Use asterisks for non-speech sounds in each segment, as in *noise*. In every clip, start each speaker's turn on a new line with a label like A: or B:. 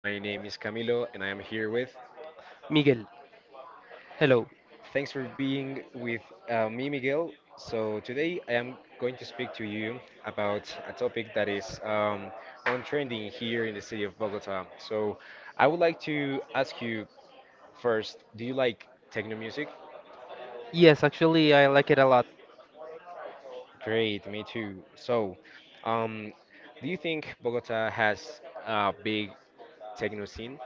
A: My name is Camilo and I am here with.
B: Miguel, hello.
A: Thanks for being with me, Miguel. So, today I am going to speak to you about a topic that is on trending here in the city of Bogota. So, I would like to ask you first, do you like techno music?
B: Yes, actually, I like it a lot.
A: Great, me too. So, um, do you think Bogota has a big techno scene?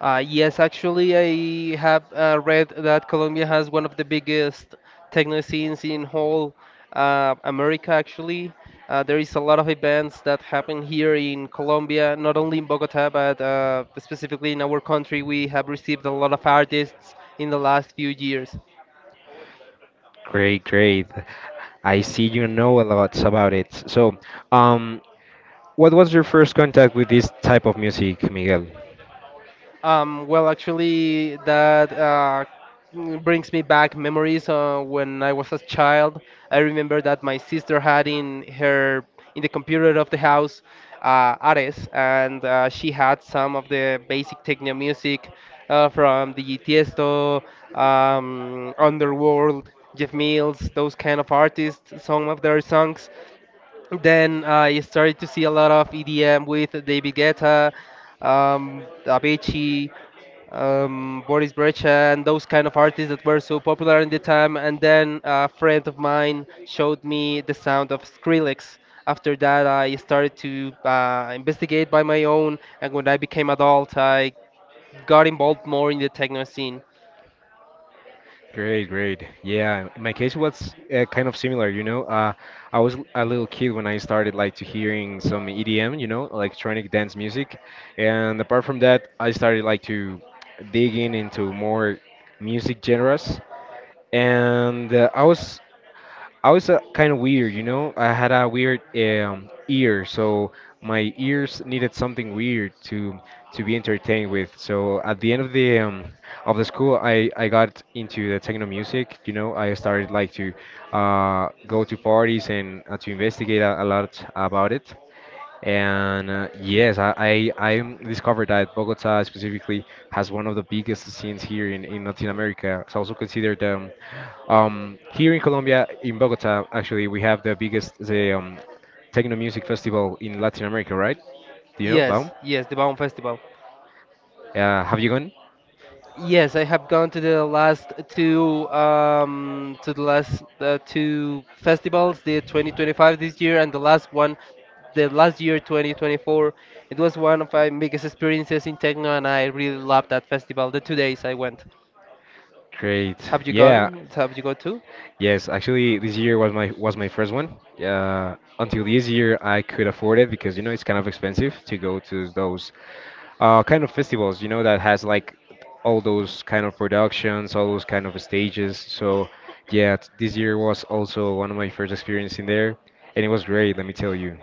B: Yes, actually, I have read that Colombia has one of the biggest techno scenes in whole America, actually. There is a lot of events that happen here in Colombia, not only in Bogota, but specifically in our country. We have received a lot of artists in the last few years.
A: Great, great. I see you know a lot about it. So, um, what was your first contact with this type of music, Miguel?
B: Well, actually, that brings me back memories when I was a child. I remember that my sister had in the computer of the house Ares, and she had some of the basic techno music from the Tiesto, Underworld, Jeff Mills, those kind of artists. Some of their songs. Then I started to see a lot of EDM with David Guetta, Avicii, Boris Brecha and those kind of artists that were so popular in the time. And then a friend of mine showed me the sound of Skrillex. After that, I started to investigate by my own, and when I became adult, I got involved more in the techno scene.
A: Great, great. Yeah, in my case was kind of similar, you know. I was a little kid when I started like to hearing some EDM, you know, electronic dance music. And apart from that, I started like to digging into more music genres. And uh, I was kind of weird, you know. I had a weird ear, so my ears needed something weird to be entertained with. So at the end of the school, I got into the techno music. You know, I started like to go to parties and to investigate a lot about it. And uh, yes, I discovered that Bogota specifically has one of the biggest scenes here in Latin America. It's also considered here in Colombia, in Bogota, actually, we have the biggest the techno music festival in Latin America, right? Do you know,
B: Yes,
A: Baum?
B: yes, the Baum Festival.
A: Have you gone?
B: Yes, I have gone to the last two to the last two festivals, the 2025 this year and the last one, the last year 2024. It was one of my biggest experiences in techno, and I really loved that festival. The two days I went.
A: Great.
B: Have you
A: Yeah.
B: gone? Have you gone to?
A: Yes, actually, this year was my first one. Until this year, I could afford it because you know it's kind of expensive to go to those kind of festivals. You know that has like all those kind of productions, all those kind of stages. So yeah, this year was also one of my first experience in there, and it was great. Let me tell you.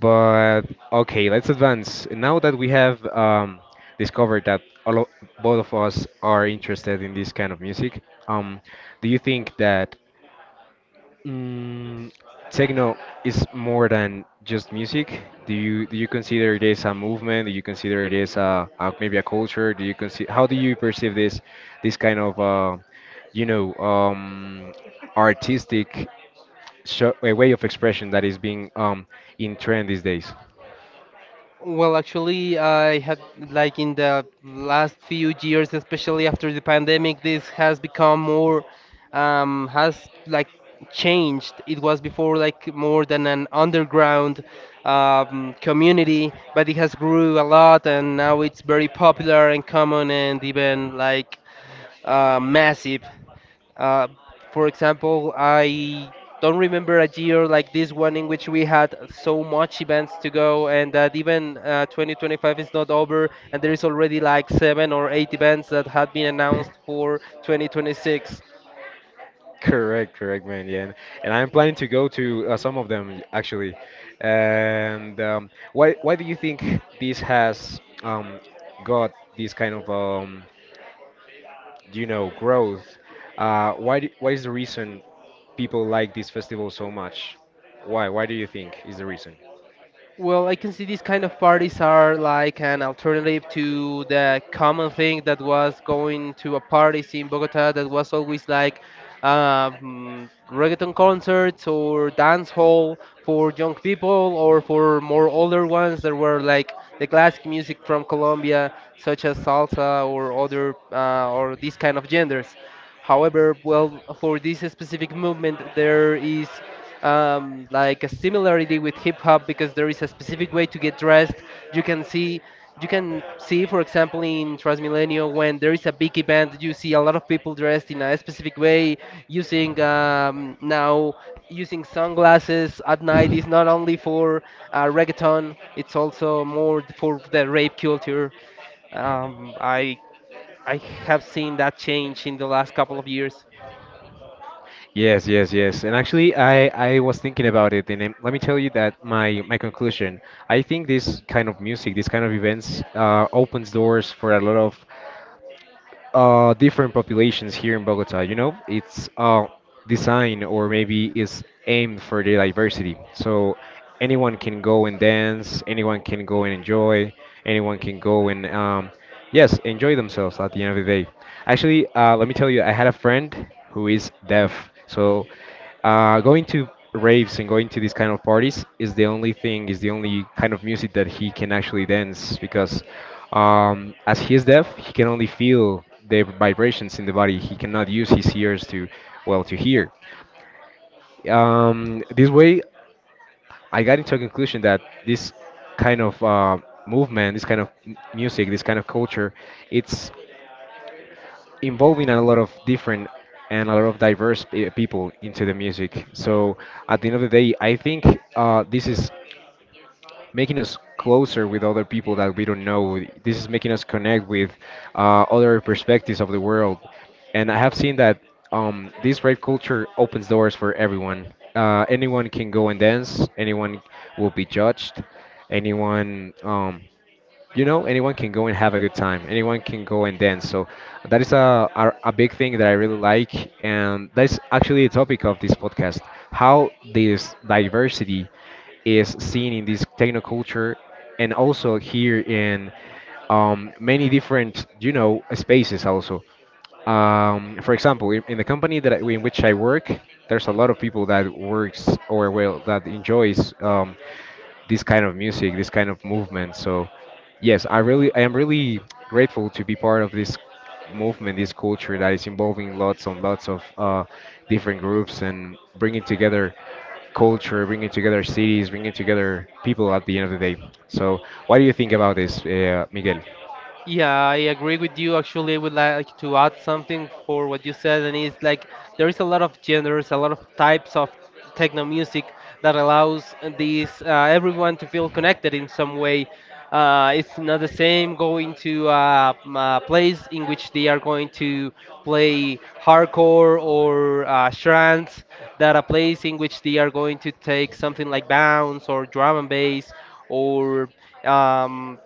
A: But okay, let's advance. Now that we have discovered that both of us are interested in this kind of music, um, do you think that? Mm, techno is more than just music. Do you consider it as a movement? Do you consider it as a maybe a culture? Do you consider how do you perceive this kind of you know um, artistic a way of expression that is being in trend these days?
B: Well, actually, I had like in the last few years, especially after the pandemic, this has become more, has like changed. It was before like more than an underground community, but it has grew a lot, and now it's very popular and common and even like massive. Uh, for example, I don't remember a year like this one in which we had so much events to go, and that even 2025 is not over, and there is already like seven or eight events that had been announced for 2026.
A: Correct, correct, man. Yeah, and I'm planning to go to some of them actually. And um, why do you think this has got this kind of growth? Uh, why is the reason people like this festival so much? Why do you think is the reason?
B: Well, I can see these kind of parties are like an alternative to the common thing that was going to a parties in Bogota that was always like reggaeton concerts or dance hall for young people or for more older ones that were like the classic music from Colombia, such as salsa or other or these kind of genders. However, well, for this specific movement, there is like a similarity with hip hop because there is a specific way to get dressed. You can see, you can see, for example, in Transmilenio when there is a big event, you see a lot of people dressed in a specific way, using now using sunglasses at night is not only for reggaeton; it's also more for the rape culture. Um, I I have seen that change in the last couple of years.
A: Yes, yes, yes. And actually, I was thinking about it, and let me tell you that my conclusion. I think this kind of music, this kind of events, opens doors for a lot of different populations here in Bogota. You know, it's designed or maybe is aimed for the diversity. So anyone can go and dance, anyone can go and enjoy, anyone can go and yes, enjoy themselves at the end of the day. Actually, let me tell you, I had a friend who is deaf, so going to raves and going to these kind of parties is the only thing, is the only kind of music that he can actually dance because as he is deaf, he can only feel the vibrations in the body. He cannot use his ears to, well, to hear. This way, I got into a conclusion that this kind of movement, this kind of music, this kind of culture, it's involving a lot of different and a lot of diverse people into the music. So at the end of the day, I think this is making us closer with other people that we don't know. This is making us connect with other perspectives of the world. And I have seen that this rave culture opens doors for everyone. Anyone can go and dance. Anyone will be judged. Anyone anyone can go and have a good time, anyone can go and dance. So that is a big thing that I really like, and that's actually the topic of this podcast, how this diversity is seen in this technoculture and also here in many different, you know, spaces also, for example, in the company that I, in which I work, there's a lot of people that works or well that enjoys this kind of music, this kind of movement. So yes, I am really grateful to be part of this movement, this culture that is involving lots and lots of different groups and bringing together culture, bringing together cities, bringing together people at the end of the day. So what do you think about this, Miguel?
B: Yeah, I agree with you. Actually, I would like to add something for what you said, and it's like there is a lot of genders, a lot of types of techno music that allows these everyone to feel connected in some way. It's not the same going to a place in which they are going to play hardcore or trance, that a place in which they are going to take something like bounce or drum and bass or um,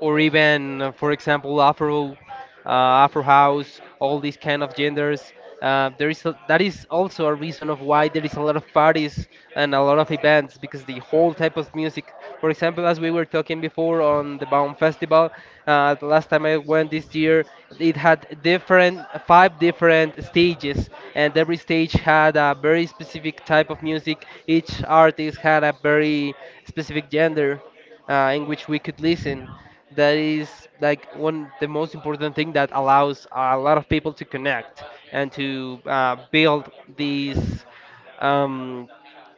B: even, for example, Afro, uh, Afro house, all these kind of genders. That is also a reason of why there is a lot of parties and a lot of events because the whole type of music. For example, as we were talking before on the Baum Festival, the last time I went this year, it had different five different stages, and every stage had a very specific type of music. Each artist had a very specific gender in which we could listen, that is like one the most important thing that allows a lot of people to connect and to build these um,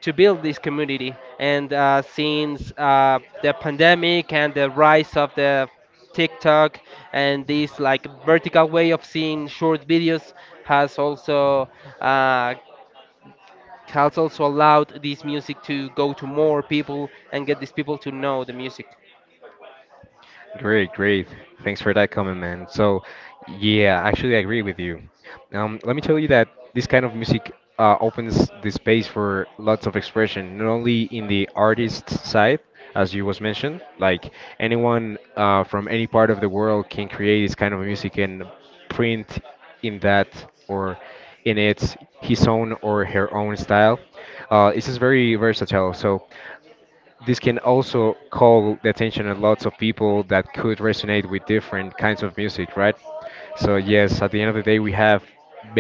B: to build this community, and since the pandemic and the rise of the TikTok and this like vertical way of seeing short videos has also uh, allowed this music to go to more people and get these people to know the music.
A: Great, great. Thanks for that comment, man. So, yeah, actually, I agree with you. Let me tell you that this kind of music opens the space for lots of expression, not only in the artist side, as you was mentioned, like anyone from any part of the world can create this kind of music and print in that or in its his own or her own style. It's just very versatile. So. This can also call the attention of lots of people that could resonate with different kinds of music, right? So yes, at the end of the day, we have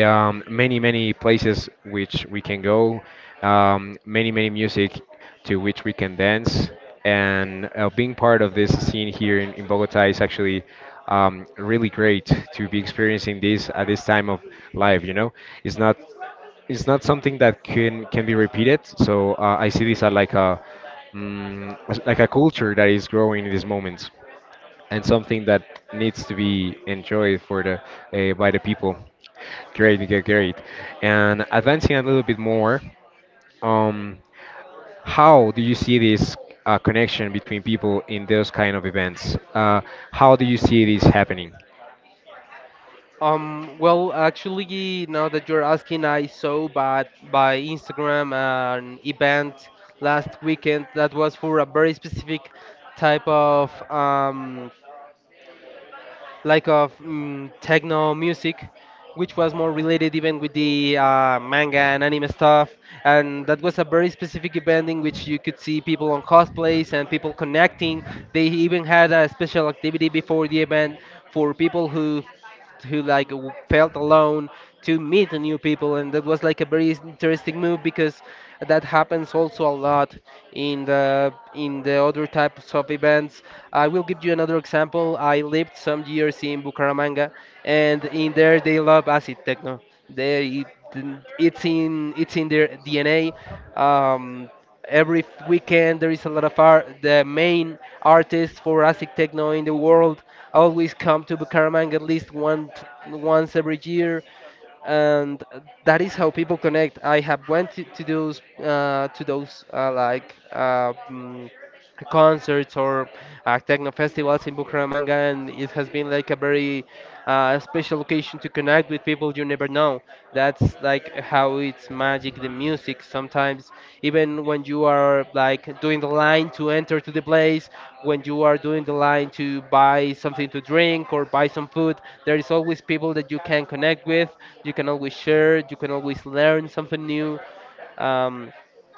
A: many, many places which we can go, many, many music to which we can dance, and being part of this scene here in Bogota is actually really great to be experiencing this at this time of life. You know, it's not it's not something that can be repeated. So I see this as like a as like a culture that is growing in these moments, and something that needs to be enjoyed for the by the people. Great, great, great. And advancing a little bit more, um, how do you see this connection between people in those kind of events? How do you see this happening?
B: Well, actually, now that you're asking, I saw but by Instagram an event last weekend that was for a very specific type of techno music, which was more related even with the manga and anime stuff. And that was a very specific event in which you could see people on cosplays and people connecting. They even had a special activity before the event for people who like w- felt alone to meet new people, and that was like a very interesting move because that happens also a lot in the other types of events. I will give you another example. I lived some years in Bucaramanga, and in there they love acid techno. They it- it's in It's in their DNA. um every f- weekend there is a lot of art, the main artists for asic techno in the world always come to Bucaramanga at least once every year, and that is how people connect. I have went to those concerts or techno festivals in Bucaramanga, and it has been like a very special occasion to connect with people you never know. That's like how it's magic, the music. Sometimes, even when you are like doing the line to enter to the place, when you are doing the line to buy something to drink or buy some food, there is always people that you can connect with. You can always share. You can always learn something new. Um,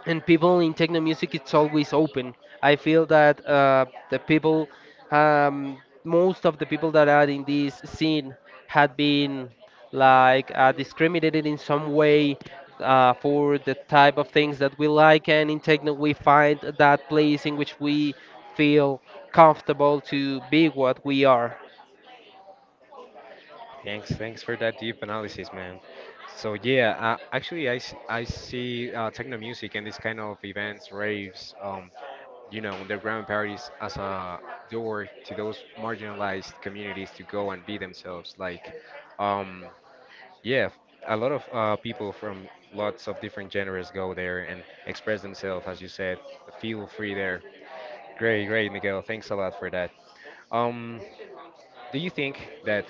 B: and people in techno music it's always open. I feel that the people um, most of the people that are in this scene had been like discriminated in some way for the type of things that we like, and in techno we find that place in which we feel comfortable to be what we are.
A: Thanks, thanks for that deep analysis, man. So yeah, actually, I see techno music and these kind of events, raves, you know, underground parties as a door to those marginalized communities to go and be themselves. Like, um, yeah, a lot of people from lots of different genres go there and express themselves, as you said. Feel free there. Great, great, Miguel. Thanks a lot for that. Um, do you think that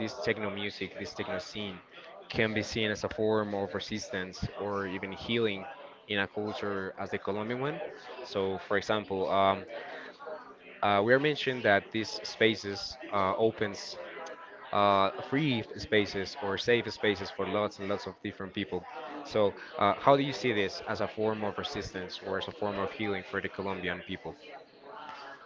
A: this techno music, this techno scene, can be seen as a form of resistance or even healing in a culture as the Colombian one? So, for example, we are mentioned that these spaces opens free spaces or safe spaces for lots and lots of different people. So, how do you see this as a form of resistance or as a form of healing for the Colombian people?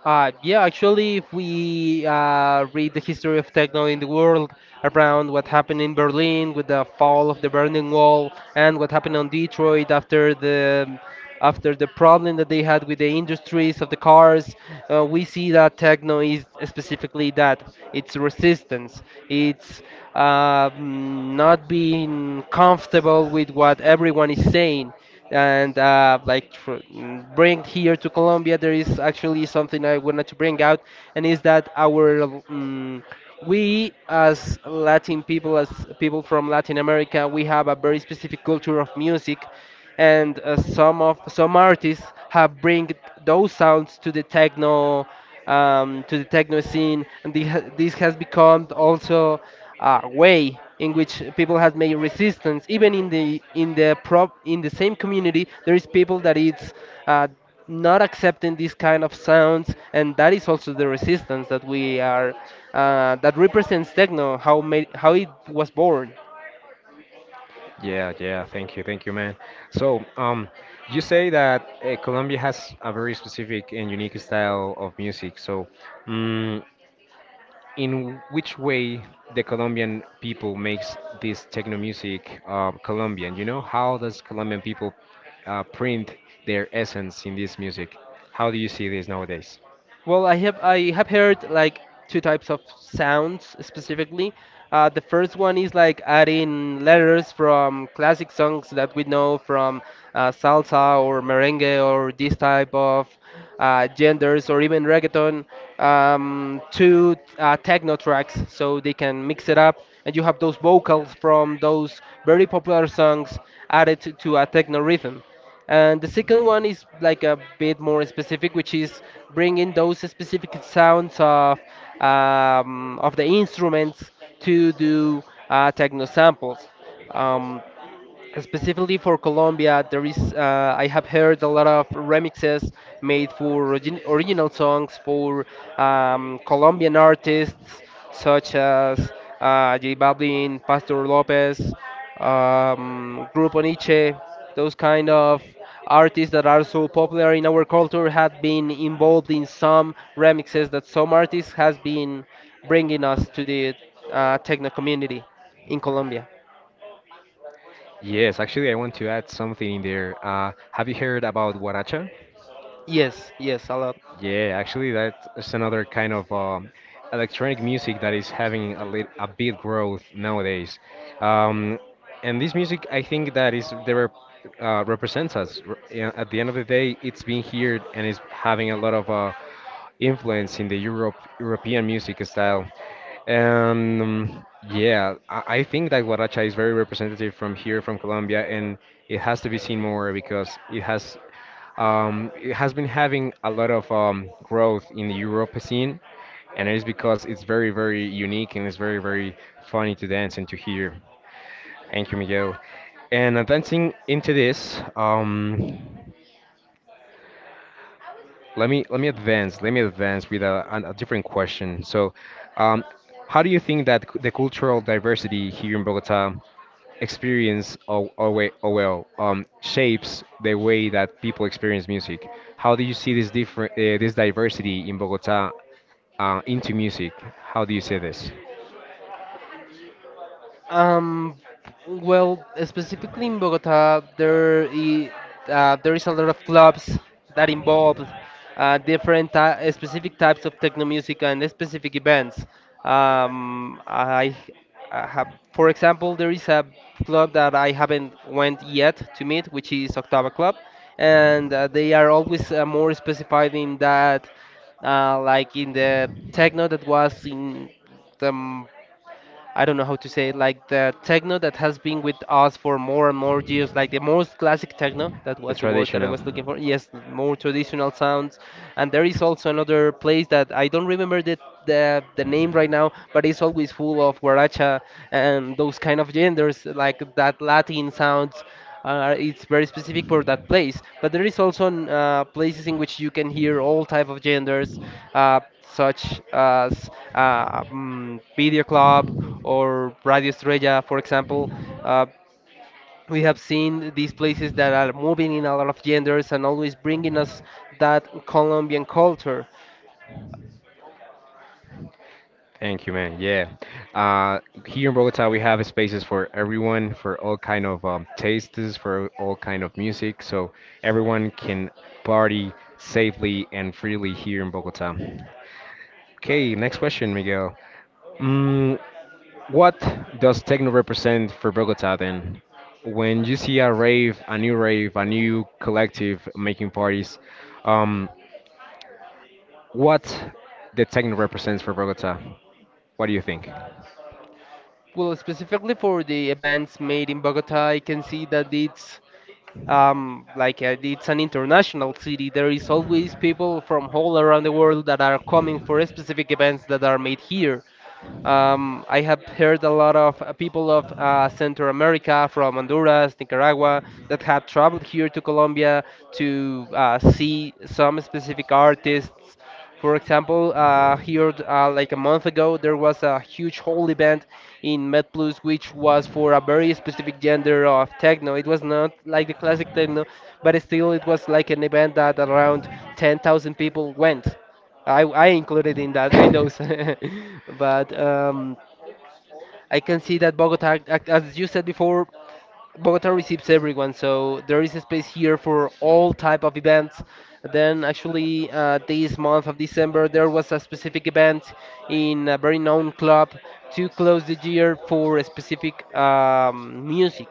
B: Yeah, actually, if we read the history of techno in the world around what happened in Berlin with the fall of the Berlin Wall and what happened on Detroit after the problem that they had with the industries of the cars, we see that techno is specifically that, it's resistance. It's not being comfortable with what everyone is saying, and bring here to Colombia, there is actually something I wanted to bring out, and is that our mm we as Latin people, as people from Latin America, we have a very specific culture of music, and some artists have bring those sounds to the techno, to the techno scene, and this has become also a way in which people has made resistance. Even in the prop in the same community, there is people that it's uh, not accepting these kind of sounds, and that is also the resistance that we are that represents techno, how made, how it was born.
A: Yeah, yeah. Thank you, man. So, you say that Colombia has a very specific and unique style of music. So, mm in which way the Colombian people makes this techno music Colombian? You know, how does Colombian people print their essence in this music? How do you see this nowadays?
B: Well, I have heard like two types of sounds specifically. The first one is like adding letters from classic songs that we know from salsa or merengue or this type of genders or even reggaeton, to techno tracks, so they can mix it up. And you have those vocals from those very popular songs added to a techno rhythm. And the second one is like a bit more specific, which is bringing those specific sounds of the instruments to do techno samples. Um, Specifically for Colombia, there is I have heard a lot of remixes made for original songs for Colombian artists such as J Balvin, Pastor Lopez, Grupo Nietzsche. Those kind of artists that are so popular in our culture had been involved in some remixes that some artists has been bringing us to the techno community in Colombia.
A: Yes, actually, I want to add something in there. Have you heard about guaracha?
B: Yes, yes, a lot.
A: Yeah, actually, that's another kind of electronic music that is having a big growth nowadays. Um, and this music, I think that is they represents us. Yeah, at the end of the day, it's being here and is having a lot of influence in the European music style. And yeah, I think that guaracha is very representative from here, from Colombia, and it has to be seen more because it has. It has been having a lot of growth in the Europa scene, and it is because it's very, very unique and it's very, very funny to dance and to hear. Thank you, Miguel. And advancing into this, let me advance with a different question. So, um, how do you think that the cultural diversity here in Bogota experience or shapes the way that people experience music. How do you see this different this diversity in Bogota into music? How do you see this?
B: Um, well, specifically in Bogota, there is a lot of clubs that involve specific types of techno music and specific events. Um, I, I have, for example, there is a club that I haven't went yet to meet, which is Octava Club, and they are always more specified in that, like in the techno that was in the I don't know how to say it, like the techno that has been with us for more and more years, like the most classic techno, that
A: The
B: was the word that I
A: traditional.
B: was looking for. Yes, more traditional sounds. And there is also another place that I don't remember the name right now, but it's always full of guaracha and those kind of genders, like that Latin sounds, it's very specific for that place. But there is also places in which you can hear all type of genders, such as Video Club or Radio Estrella, for example. Uh, we have seen these places that are moving in a lot of genders and always bringing us that Colombian culture.
A: Thank you, man. Yeah. Uh, Here in Bogota, we have spaces for everyone, for all kind of tastes, for all kind of music, so everyone can party safely and freely here in Bogota. Okay, next question, Miguel. Mm, what does techno represent for Bogota then? When you see a rave, a new collective making parties, um, what the techno represents for Bogota? What do you think?
B: Well, specifically for the events made in Bogota, I can see that it's an international city. There is always people from all around the world that are coming for specific events that are made here. I have heard a lot of people of Central America, from Honduras, Nicaragua, that have traveled here to Colombia to see some specific artists. For example, here like a month ago, there was a huge whole event in MedPlus, which was for a very specific gender of techno. It was not like the classic techno, but still, it was like an event that around 10,000 people went. I included in that in those,
A: *coughs*
B: *laughs* but I can see that Bogota, as you said before, Bogota receives everyone, so there is a space here for all type of events. Then actually, this month of December, there was a specific event in a very known club to close the year for a specific music,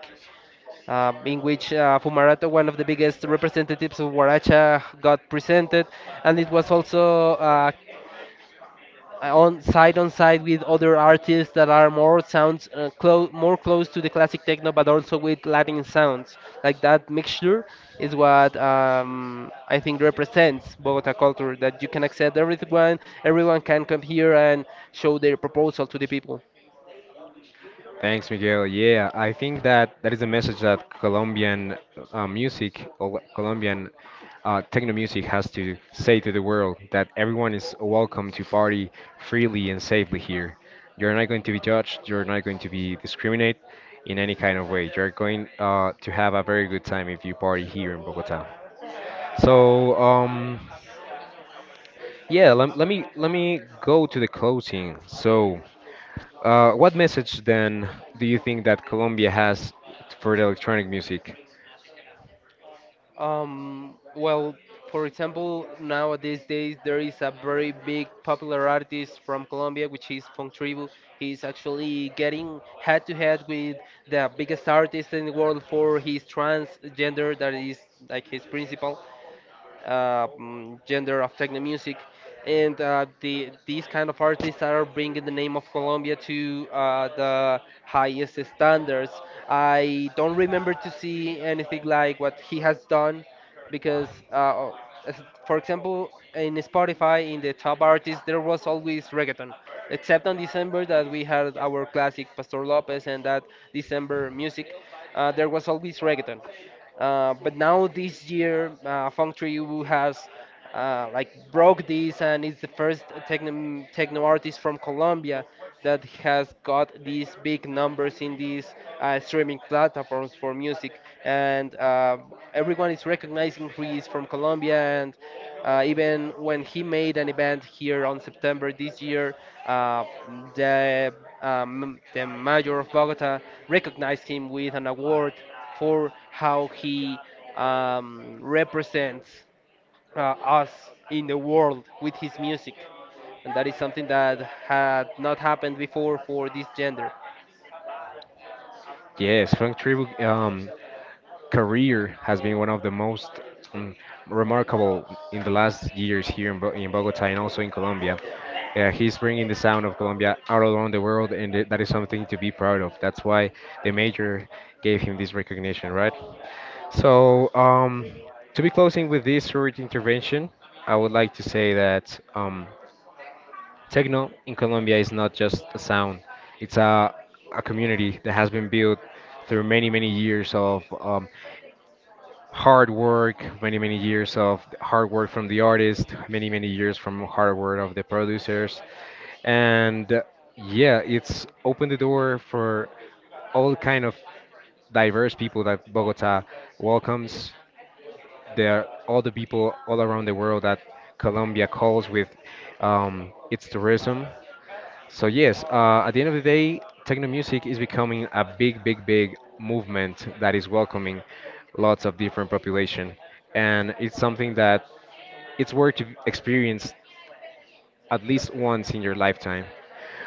B: in which Fumarato, one of the biggest representatives of Huaracha, got presented, and it was also on side with other artists that are more sounds close more close to the classic techno but also with latin sounds, like that mixture is what I think represents bogota culture, that you can accept everyone. Everyone can come here and show their proposal to the people.
A: *laughs* Thanks, Miguel. Yeah, I think that that is a message that Colombian music, Colombian techno music has to say to the world that everyone is welcome to party freely and safely here. You're not going to be judged, you're not going to be discriminated in any kind of way. You're going to have a very good time if you party here in Bogota. So, yeah, let me go to the closing. So, what message then do you think that Colombia has for the electronic music?
B: Well, for example, nowadays days there is a very big popular artist from Colombia, which is Fontribu. He's actually getting head to head with the biggest artist in the world for his transgender, that is like his principal gender of techno music, and these kind of artists are bringing the name of Colombia to the highest standards. I don't remember to see anything like what he has done, because for example. In Spotify, in the top artists, there was always reggaeton, except on December that we had our classic Pastor Lopez and that December music. There was always reggaeton, but now this year, Feng has like broke this and is the first techno artist from Colombia that has got these big numbers in these streaming platforms for music. And everyone is recognizing he is from Colombia. And even when he made an event here on September this year, uh, the the mayor of Bogota recognized him with an award for how he represents us in the world with his music. And that is something that had not happened before for this gender.
A: Yes, Frank Tribu's career has been one of the most um, remarkable in the last years here in, in Bogota and also in Colombia. He's bringing the sound of Colombia out around the world, and that is something to be proud of. That's why the major gave him this recognition, right? So, to be closing with this short intervention, I would like to say that. Techno in Colombia is not just a sound, it's a community that has been built through many, many years of hard work, many, many years of hard work from the artist, many, many years from hard work of the producers. And yeah, it's opened the door for all kind of diverse people that Bogota welcomes. There are all the people all around the world that Colombia calls with its tourism. So yes, at the end of the day, techno music is becoming a big, big, big movement that is welcoming lots of different population, and it's something that it's worth to experience at least once in your lifetime.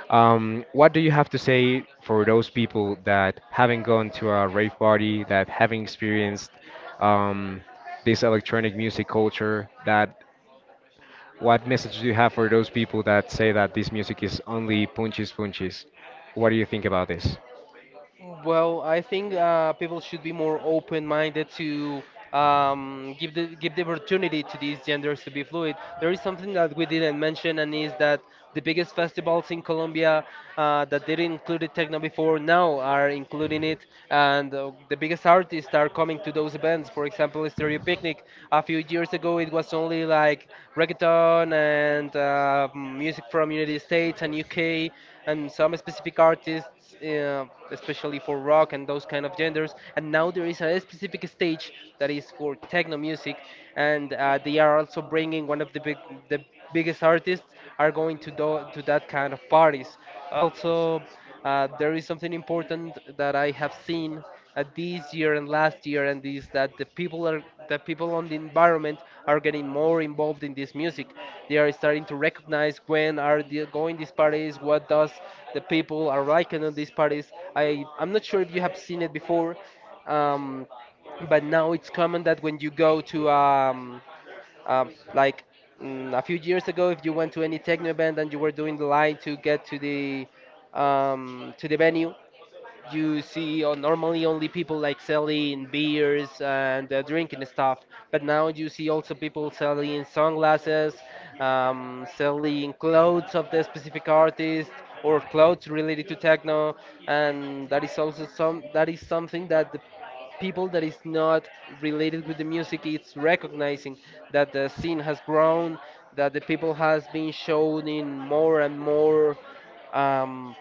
A: What do you have to say for those people that haven't gone to a rave party, that haven't experienced um, this electronic music culture, that what message do you have for those people that say that this music is only punches punches? What do you think about this?
B: Well, I think people should be more open-minded to, give the opportunity to these genders to be fluid. There is something that we didn't mention, and is that the biggest festivals in Colombia, that didn't include techno before, now are including it, and the biggest artists are coming to those events. For example, Stereo Picnic. A few years ago, it was only like reggaeton and music from United States and UK and some specific artists, especially for rock and those kind of genders. And now there is a specific stage that is for techno music, and they are also bringing one of the the biggest artists are going to do, to that kind of parties. Also, there is something important that I have seen this year and last year and this, that the people on the environment are getting more involved in this music. They are starting to recognize when are they going these parties, what does the people are liking on these parties. I'm not sure if you have seen it before, um, but now it's common that when you go to um like a few years ago, if you went to any techno event and you were doing the line to get to the venue, you see or normally only people like selling beers and drinking stuff, but now you see also people selling sunglasses, selling clothes of the specific artist or clothes related to techno, and that is also some that is something that the people that is not related with the music is recognizing, that the scene has grown, that the people has been shown in more and more um,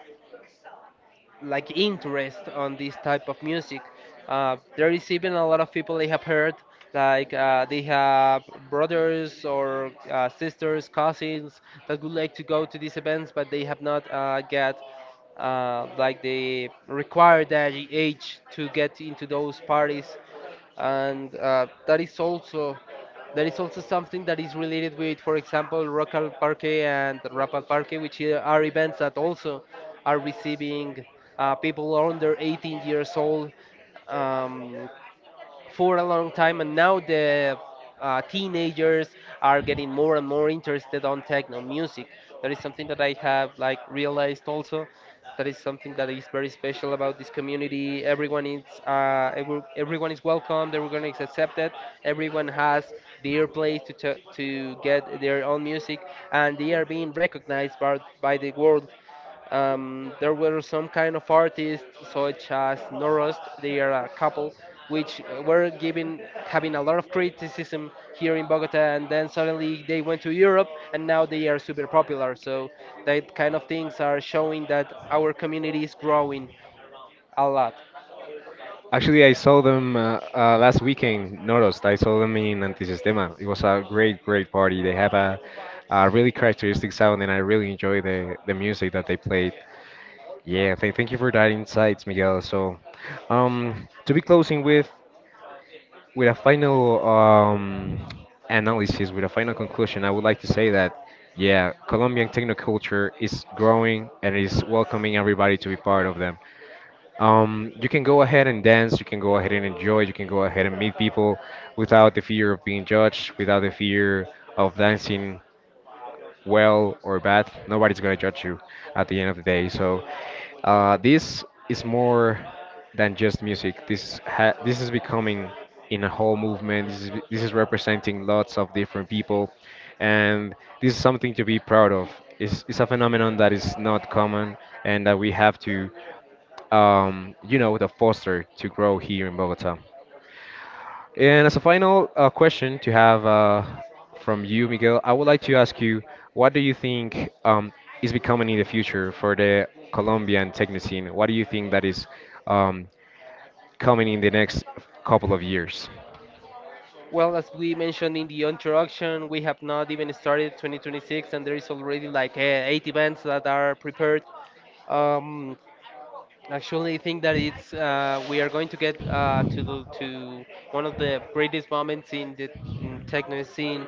B: like interest on this type of music. There is even a lot of people they have heard, like they have brothers or sisters, cousins that would like to go to these events, but they have not get, like they require that age to get into those parties, and that is also. There is also something that is related with, for example, Rock al Parque and Rap al Parque, which are events that also are receiving people under 18 years old. Um, for a long time, and now the teenagers are getting more and more interested on techno music. That is something that I have like realized also. That is something that is very special about this community. Everyone is everyone is welcomed, everyone is accepted, everyone has their place to, to get their own music, and they are being recognized by the world. There were some kind of artists, such as Norost, they are a couple, which were given having a lot of criticism here in Bogota, and then suddenly they went to Europe, and now they are super popular. So that kind of things are showing that our community is growing a lot.
A: Actually, I saw them last weekend. Noticed I saw them in Antisistema. It was a great, great party. They have a really characteristic sound, and I really enjoy the music that they played. Yeah, thank you for that insights, Miguel. So, to be closing with a final analysis, with a final conclusion, I would like to say that, yeah, Colombian technoculture is growing and is welcoming everybody to be part of them. You can go ahead and dance, you can go ahead and enjoy, you can go ahead and meet people without the fear of being judged, without the fear of dancing well or bad, nobody's gonna judge you at the end of the day. So this is more than just music. This this is becoming in a whole movement. This is representing lots of different people, and this is something to be proud of. It's a phenomenon that is not common and that we have to, you know, to foster to grow here in Bogota. And as a final question to have from you, Miguel, I would like to ask you, what do you think is becoming in the future for the Colombian techno scene? What do you think that is um, coming in the next couple of years?
B: Well, as we mentioned in the introduction, we have not even started 2026, and there is already like eight events that are prepared. Um, Actually, I think that it's we are going to get to one of the greatest moments in the techno scene.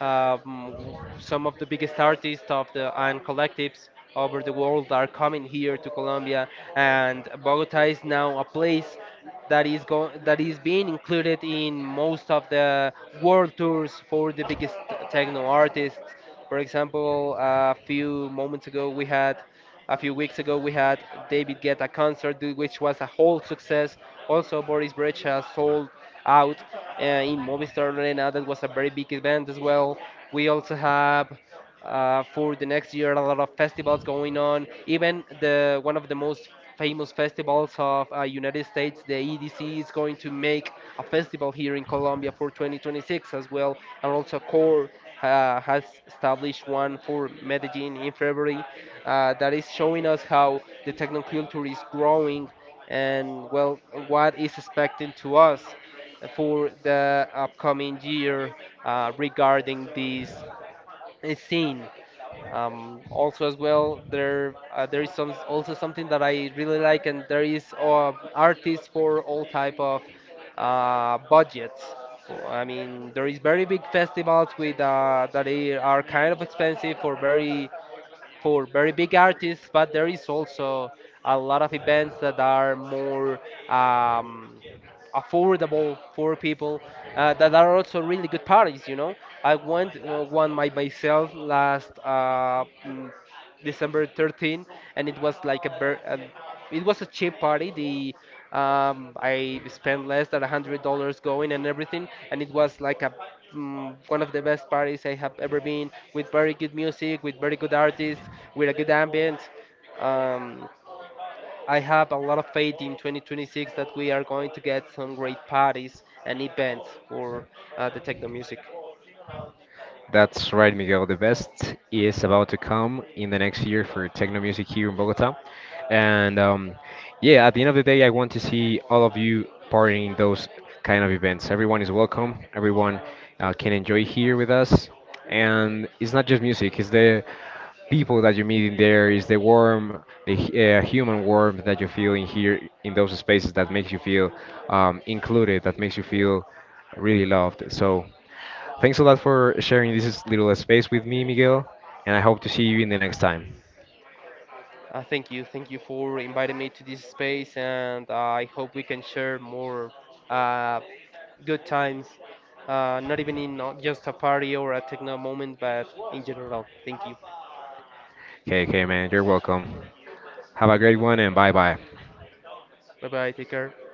B: Um, some of the biggest artists of the and collectives over the world are coming here to Colombia, and Bogota is now a place that is being included in most of the world tours for the biggest techno artists. For example, a few moments ago we had. A few weeks ago, we had David Guetta concert, which was a whole success. Also, Boris Brecha sold out in Movistar Arena. That was a very big event as well. We also have for the next year a lot of festivals going on. Even the one of the most famous festivals of United States. The EDC is going to make a festival here in Colombia for 2026 as well, and also CORE has established one for Medellin in February. That is showing us how the technoculture is growing, and well, what is expected to us for the upcoming year regarding this scene. Also, as well, there there is something that I really like, and there is artists for all type of budgets. So, I mean, there is very big festivals with that they are kind of expensive for very big artists, but there is also a lot of events that are more um, affordable for people that are also really good parties. You know, I went one by myself last December 13, and it was a cheap party. The I spent less than $100 going and everything, and it was like a, one of the best parties I have ever been, with very good music, with very good artists, with a good ambient. Um, I have a lot of faith in 2026 that we are going to get some great parties and events for the techno music.
A: That's right, Miguel. The best is about to come in the next year for techno music here in Bogota. And yeah, at the end of the day, I want to see all of you partying in those kind of events. Everyone is welcome. Everyone can enjoy here with us. And it's not just music, it's the people that you meet in there, it's the warm, the human warmth that you feel in here, in those spaces that makes you feel included, that makes you feel really loved. So thanks a lot for sharing this little space with me, Miguel, and I hope to see you in the next time.
B: Thank you, thank you for inviting me to this space, and I hope we can share more uh, good times. Not even in just a party or a techno moment, but in general. Thank you.
A: Okay, okay, man, you're welcome. Have a great one and bye bye.
B: Bye bye. Take care.